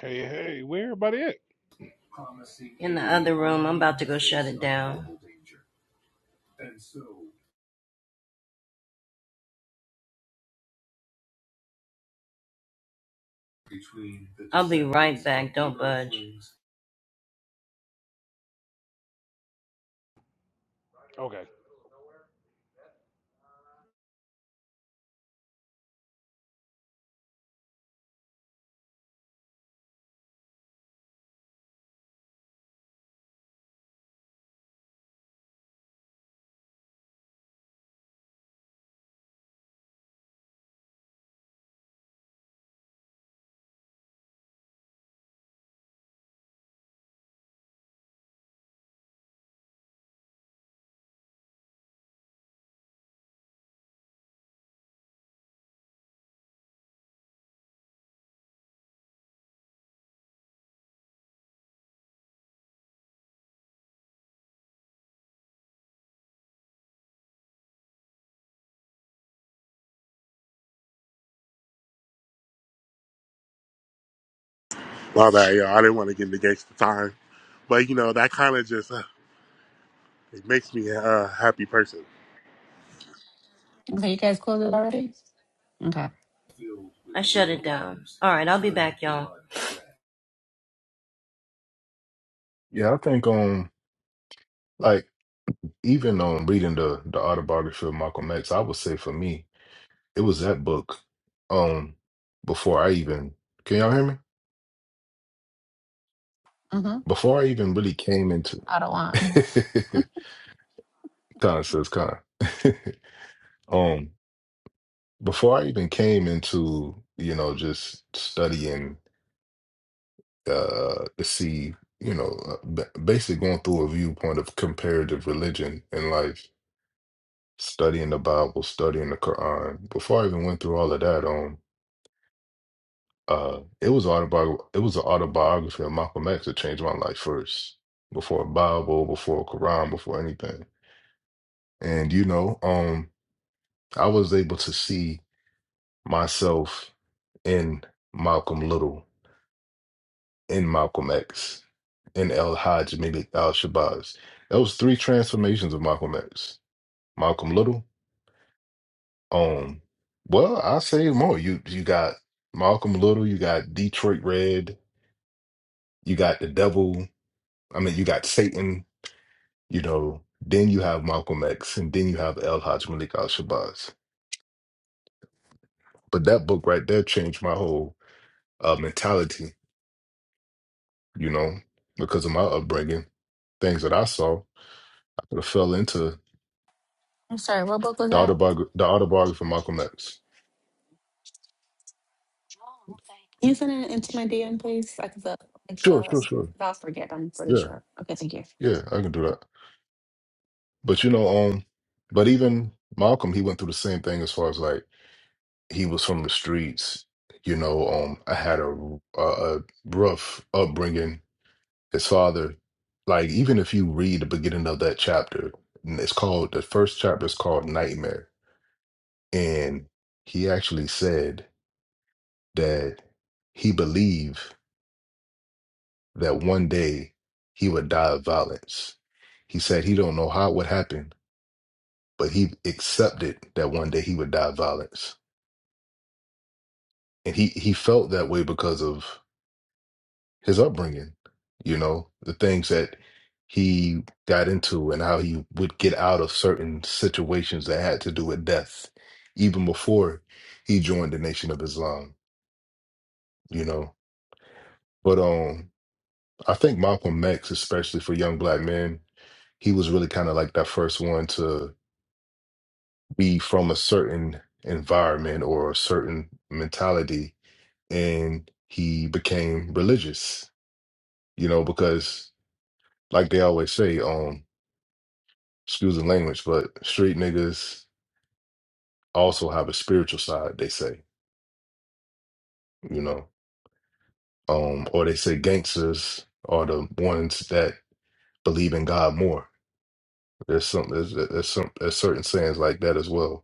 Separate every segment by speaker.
Speaker 1: Hey, hey, where everybody at?
Speaker 2: in the other room. I'm about to go shut it down. I'll be right back. Don't budge.
Speaker 1: Okay.
Speaker 3: My bad, y'all. I didn't want to get in the gangster time, but you know that kind of just uh, it makes me a uh, happy person.
Speaker 4: Okay, you guys closed it already? Okay.
Speaker 2: I shut it down. All right, I'll be back, y'all.
Speaker 5: Yeah, I think um like even um reading the the autobiography of Malcolm X, I would say for me, it was that book um before I even can y'all hear me?
Speaker 4: Mm-hmm.
Speaker 5: Before I even really came into
Speaker 4: I don't want.
Speaker 5: Con says Con. um before I even came into, you know, just studying uh to see, you know, uh, ba- basically going through a viewpoint of comparative religion in life studying the Bible, studying the Quran. Before I even went through all of that, um, uh, it was autobiography. It was an autobiography of Malcolm X that changed my life first, before a Bible, before a Quran, before anything. And you know, um, I was able to see myself in Malcolm Little, in Malcolm X, in El Hajj, maybe Al Shabazz. That was three transformations of Malcolm X. Malcolm Little, Um, well, I say more. You you got Malcolm Little, you got Detroit Red, you got the Devil. I mean, you got Satan. You know, then you have Malcolm X, and then you have El Haj Malik Al Shabazz. But that book right there changed my whole uh, mentality. You know, because of my upbringing, things that I saw, I could have fell into the
Speaker 4: I'm sorry, what book was that?
Speaker 5: autobiography, the autobiography of Malcolm X.
Speaker 4: Can you send it into my DM, please? I could, uh, like,
Speaker 5: Sure,
Speaker 4: uh,
Speaker 5: sure, sure.
Speaker 4: I'll forget, I'm pretty
Speaker 5: Yeah,
Speaker 4: sure. Okay, thank you.
Speaker 5: yeah, I can do that. But you know, um, but even Malcolm, he went through the same thing as far as like he was from the streets. You know, um, I had a a, a rough upbringing. His father, like, even if you read the beginning of that chapter, and it's called the first chapter is called Nightmare, and he actually said that he believed that one day he would die of violence. He said he don't know how it would happen, but he accepted that one day he would die of violence and he he felt that way because of his upbringing you know the things that he got into and how he would get out of certain situations that had to do with death even before he joined the nation of islam you know but um i think malcolm x especially for young black men he was really kind of like that first one to be from a certain environment or a certain mentality and he became religious you know because like they always say, um, excuse the language, but street niggas also have a spiritual side, they say, you know. Um, or they say gangsters are the ones that believe in God more. There's some there's, there's some there's certain sayings like that as well.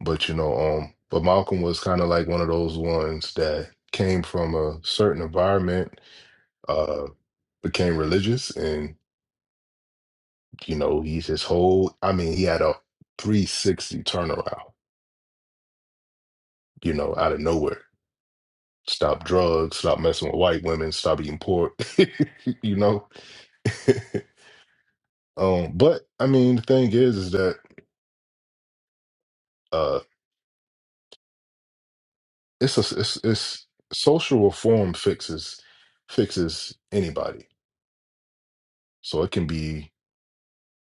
Speaker 5: But you know, um, but Malcolm was kind of like one of those ones that came from a certain environment, uh, became religious, and you know, he's his whole. I mean, he had a 360 turnaround, you know, out of nowhere Stop drugs, stop messing with white women, stop eating pork, you know? um, but I mean, the thing is, is that uh, it's a it's, it's social reform fixes fixes anybody. So it can be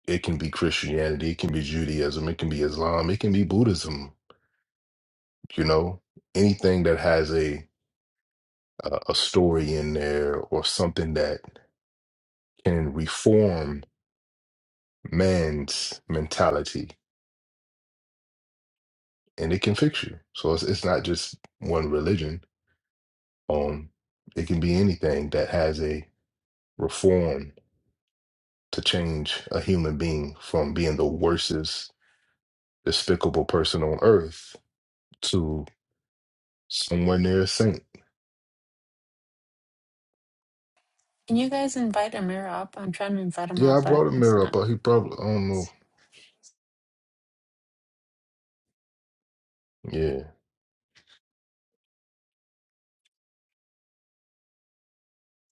Speaker 5: it can be Christianity, it can be Judaism, it can be Islam, it can be Buddhism. You know, anything that has a a a story in there or something that can reform man's mentality and it can fix you. So it's it's not just one religion. Um, it can be anything that has a reform to change a human being from being the worstest, despicable person on earth to somewhere near a saint.
Speaker 4: Can you guys invite Amira up? I'm trying to invite him
Speaker 5: Yeah,
Speaker 4: up,
Speaker 5: I
Speaker 4: but
Speaker 5: brought a
Speaker 4: it's
Speaker 5: mirror up,
Speaker 4: not.
Speaker 5: but he probably I don't know. Yeah.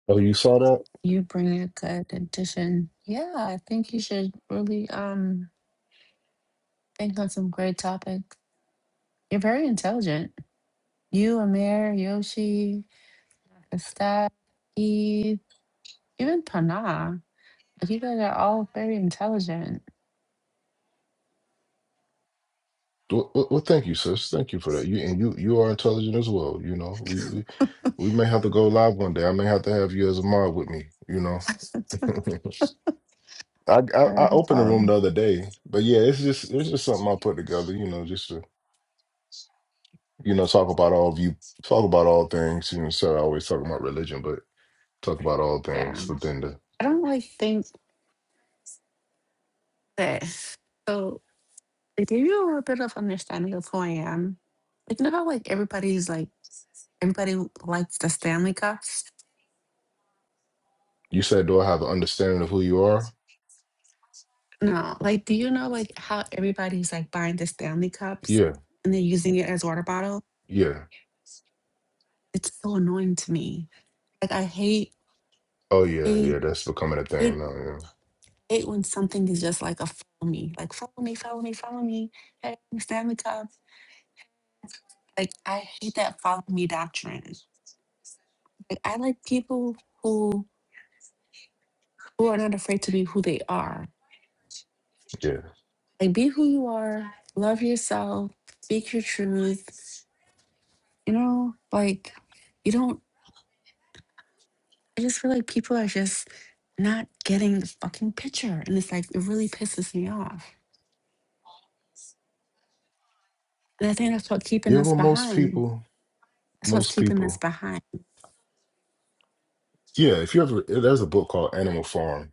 Speaker 5: Oh, you saw that?
Speaker 4: You bring a good addition. Yeah, I think you should really um think on some great topics. You're very intelligent. You, Amir, Yoshi, Estad, Eve, even Pana. You guys are all very intelligent.
Speaker 5: Well, well, well, thank you, sis. Thank you for that. You and you you are intelligent as well. You know, we, we we may have to go live one day. I may have to have you as a mod with me. You know. I, I
Speaker 4: Uh,
Speaker 5: I
Speaker 4: No
Speaker 5: opened the room the
Speaker 4: problem.
Speaker 5: other day, but yeah, it's just it's just something I put together, you know, just to you know talk about all of you, talk about all things. You know, instead of always talking about religion, but talk about all
Speaker 4: Yeah.
Speaker 5: things within the.
Speaker 4: I don't really think that. So to give you a little bit of understanding of who I am, like, you know how like everybody's like everybody likes the Stanley Cups.
Speaker 5: You said, do I have an understanding of who you are?
Speaker 4: No, like, do you know like how everybody's like buying the Stanley Cups
Speaker 5: Yeah,
Speaker 4: and then using it as water bottle?
Speaker 5: yeah,
Speaker 4: It's so annoying to me. Like, I hate
Speaker 5: oh yeah,
Speaker 4: hate
Speaker 5: yeah. That's becoming a thing
Speaker 4: hate
Speaker 5: now. Yeah,
Speaker 4: hate when something is just like a follow me, like follow me, follow me, follow me. Hey, Stanley Cup. Like I hate that follow me doctrine. Like I like people who who are not afraid to be who they are.
Speaker 5: yeah,
Speaker 4: Like be who you are, love yourself, speak your truth. You know, like you don't I just feel like people are just not getting the fucking picture. And it's like it really pisses me off. And I think that's what keeping
Speaker 5: yeah.
Speaker 4: us
Speaker 5: Well, most
Speaker 4: behind.
Speaker 5: people,
Speaker 4: That's what's
Speaker 5: most
Speaker 4: keeping us
Speaker 5: people,
Speaker 4: behind.
Speaker 5: yeah. If you ever, there's a book called Animal Farm.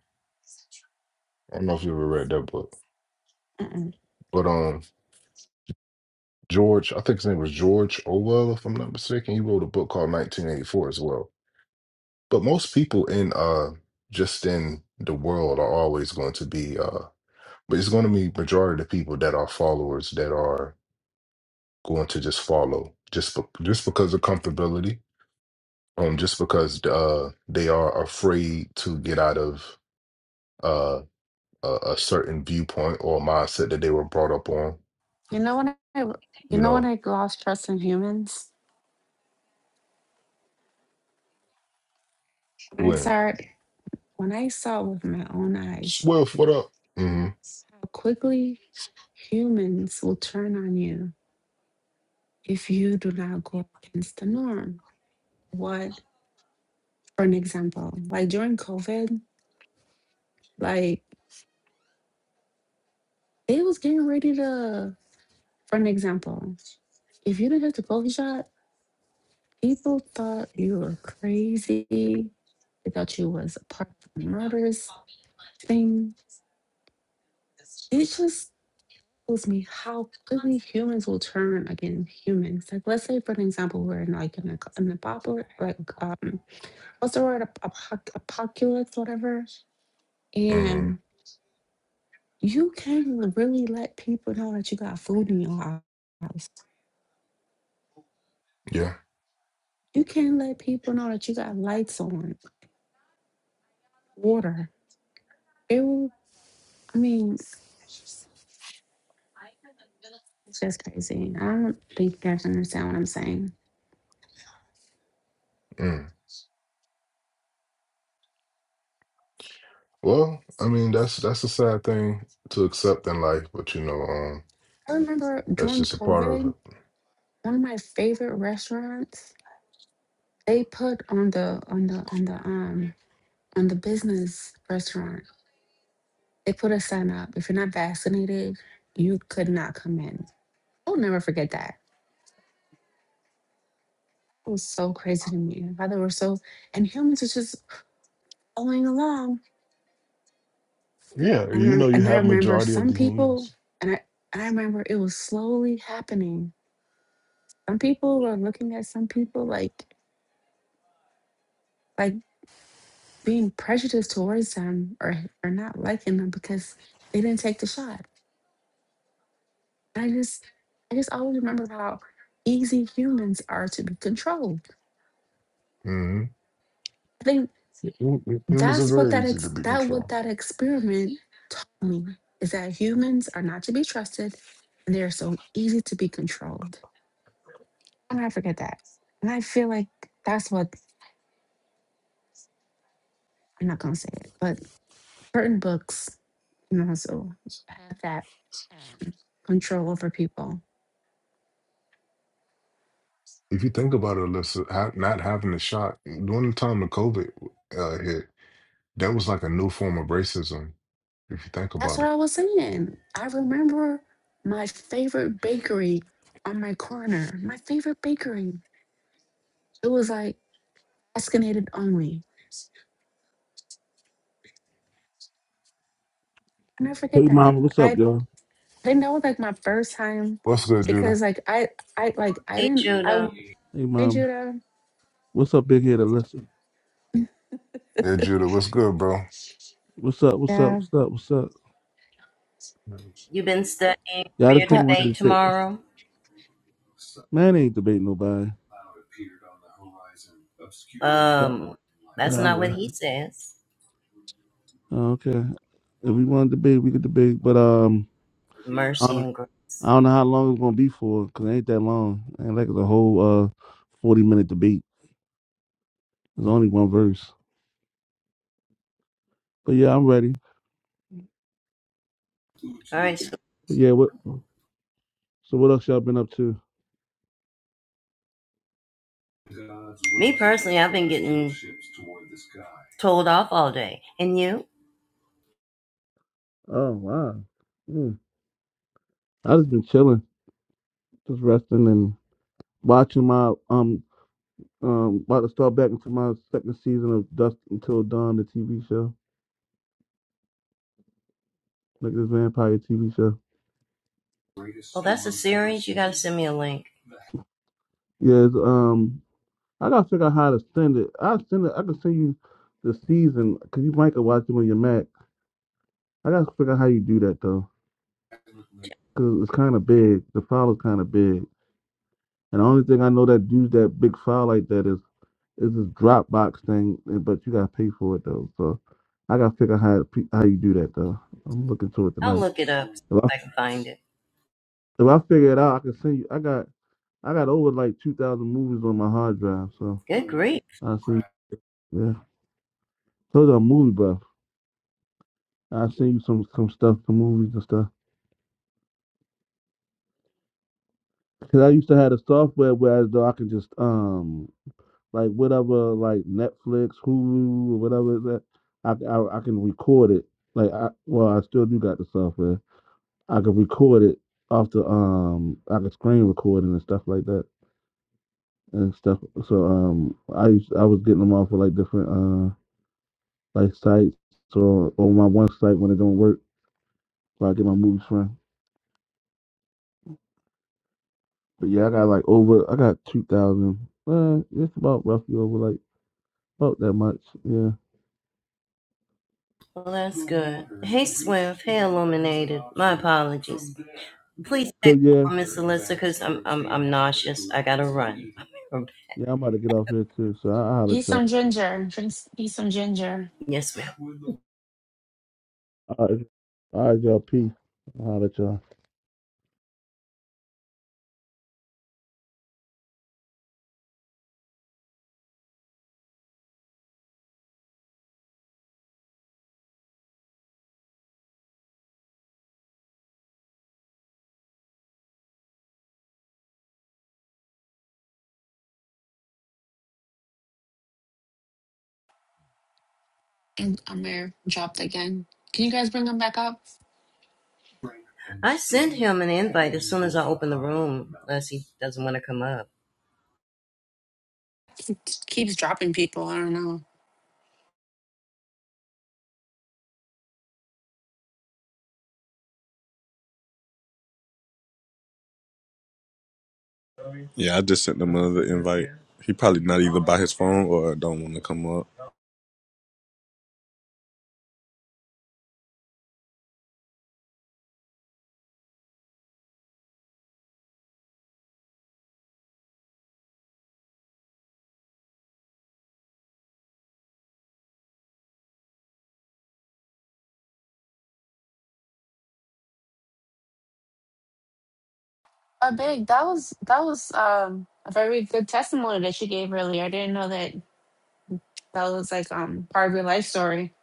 Speaker 5: I don't know if you ever read that book,
Speaker 4: Mm-mm.
Speaker 5: but um, George, I think his name was George Orwell, if I'm not mistaken. He wrote a book called 1984 as well. But most people in uh just in the world are always going to be uh but it's going to be majority of the people that are followers that are going to just follow just be- just because of comfortability, um just because uh they are afraid to get out of uh a, a certain viewpoint or mindset that they were brought up on,
Speaker 4: You know when I you
Speaker 5: you
Speaker 4: know when
Speaker 5: know,
Speaker 4: I lost trust in humans? When I
Speaker 5: when
Speaker 4: started when I saw with my own eyes
Speaker 5: Swift, what up? Mhm.
Speaker 4: How quickly humans will turn on you if you do not go against the norm. What, for an example, like during COVID, like they was getting ready to, for an example, if you didn't hit the coffee shop, people thought you were crazy. They thought you was a part of the murderous thing. It just shows me how quickly humans will turn against humans. Like, let's say, for an example, we're in like in a, in a bubble, like um, what's the word Ap- apoc- apocalypse whatever
Speaker 5: Mhm.
Speaker 4: and you can really let people know that you got food in your house
Speaker 5: Yeah.
Speaker 4: you can let people know that you got lights on water it will i mean it's just crazy i don't think you guys understand what i'm saying
Speaker 5: mm-hmm. Well, I mean, that's that's a sad thing to accept in life, but you know, um,
Speaker 4: i remember
Speaker 5: that's
Speaker 4: during
Speaker 5: just a part of
Speaker 4: covid
Speaker 5: it.
Speaker 4: one of my favorite restaurants they put on the on the on the um on the business restaurant they put a sign up if you're not vaccinated you could not come in I'll never forget that. It was so crazy to me. How they were so, and humans was just following along.
Speaker 5: Yeah,
Speaker 4: And I
Speaker 5: you know,
Speaker 4: remember,
Speaker 5: you
Speaker 4: and I
Speaker 5: have
Speaker 4: remember
Speaker 5: majority of
Speaker 4: some
Speaker 5: the
Speaker 4: people,
Speaker 5: humans.
Speaker 4: and I, and I remember it was slowly happening. Some people were looking at some people like, like being prejudiced towards them or, or not liking them because they didn't take the shot. And I just, I just always remember how easy humans are to be controlled.
Speaker 5: hmm
Speaker 4: I think.
Speaker 5: Humans are
Speaker 4: That's what
Speaker 5: very
Speaker 4: that
Speaker 5: easy to
Speaker 4: ex-
Speaker 5: be
Speaker 4: that what
Speaker 5: controlled.
Speaker 4: that experiment taught me is that humans are not to be trusted and they are so easy to be controlled. I'll never forget that. And I feel like that's what I'm not gonna say it, but certain books can also have that um, control over people.
Speaker 5: If you think about it, Alyssa, ha not having the shot during the time of COVID uh, hit, that was like a new form of racism. If you think
Speaker 4: That's
Speaker 5: about
Speaker 4: what
Speaker 5: it.
Speaker 4: I was saying. I remember my favorite bakery on my corner. My favorite bakery. It was like escalated only. I never forget
Speaker 6: Hey
Speaker 4: that.
Speaker 6: mama, what's
Speaker 4: and I.
Speaker 6: up, y'all?
Speaker 4: And that was like my first time
Speaker 5: What's good,
Speaker 4: because
Speaker 5: Judah?
Speaker 4: like I I like I
Speaker 2: Hey,
Speaker 4: didn't I
Speaker 2: Judah,
Speaker 4: w-
Speaker 6: Hey
Speaker 4: hey
Speaker 6: mama,
Speaker 4: Judah
Speaker 6: what's up, big head Alyssa?
Speaker 5: Yeah, Judah, what's good, bro?
Speaker 6: What's up? What's up?
Speaker 4: yeah
Speaker 6: What's up? What's up?
Speaker 2: you been studying for
Speaker 6: Y'all just
Speaker 2: your
Speaker 6: came
Speaker 4: but
Speaker 6: wanted to
Speaker 2: debate
Speaker 6: say,
Speaker 2: tomorrow?
Speaker 6: man, ain't debate nobody. But
Speaker 2: Um, that's
Speaker 6: all
Speaker 2: not what
Speaker 6: right,
Speaker 2: he says.
Speaker 6: okay. If we want to debate, we could debate. But um, I don't
Speaker 2: Mercy
Speaker 6: know.
Speaker 2: and grace.
Speaker 6: I don't know how long it's gonna be for, cause it ain't that long. Ain't like it's a whole uh forty minute debate. There's only one verse. But yeah, I'm ready.
Speaker 2: All right. So
Speaker 6: But yeah, what? So what else y'all been up to?
Speaker 2: me personally, I've been getting told off all day. And you?
Speaker 6: Oh wow, Yeah, I just been chilling, just resting and watching my um Um, about to start back into my second season of *Dusk Until Dawn, the TV show, like this vampire TV show.
Speaker 2: Well, that's a series. You got to send me a link.
Speaker 6: Yes, um, I gotta figure out how to send it. I send it. I can send you the season because you might can watch it on your Mac. I gotta figure out how you do that though, because it's kind of big. The file is kind of big, and the only thing I know that use that big file like that is is this Dropbox thing. and- But you gotta pay for it though, so I gotta figure out how to, pe- how you do that though. I'm looking to it
Speaker 2: I'll
Speaker 6: tonight.
Speaker 2: look it up so
Speaker 6: If I,
Speaker 2: I can find it.
Speaker 6: if I figure it out, I can send you. I got. I got over like two thousand movies on my hard drive, so
Speaker 2: Good grief.
Speaker 6: I see. Yeah, told you I'm movie buff. I seen some some stuff, some movies and stuff. Cause I used to have the software where as though I could just um like whatever like Netflix, Hulu, or whatever is that I I I can record it. Like I well I still do got the software. I could record it off the um I could screen recording and stuff like that and stuff. So um I used I was getting them off of like different uh. like sites or on my one site when it don't work, where I get my movies from. But yeah, I got like over, I got two thousand. Uh, it's about roughly over like about that much. Yeah.
Speaker 2: Well, that's good. Hey, Swift. Hey, Illuminated. My apologies. Please
Speaker 6: So
Speaker 2: take
Speaker 6: yeah,
Speaker 2: on Miss Alyssa because I'm, I'm, I'm nauseous. I gotta run.
Speaker 6: yeah, I'm about to get off here too. So I, I'll holler
Speaker 4: eat
Speaker 6: at y'all.
Speaker 4: some ginger drink s- eat some ginger
Speaker 2: Yes, ma'am.
Speaker 6: All right, all right, y'all. Peace. I'll holler at y'all.
Speaker 4: and Amir dropped again. Can you guys bring him back up?
Speaker 2: I sent him an invite as soon as I open the room, unless he doesn't want to come up.
Speaker 4: keeps dropping people. I don't know.
Speaker 7: Yeah, I just sent him another invite. He probably not either by his phone or don't want to come up.
Speaker 4: But big that was that was um a very good testimony that she gave earlier. I didn't know that that was like um part of your life story.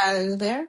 Speaker 4: Are you there?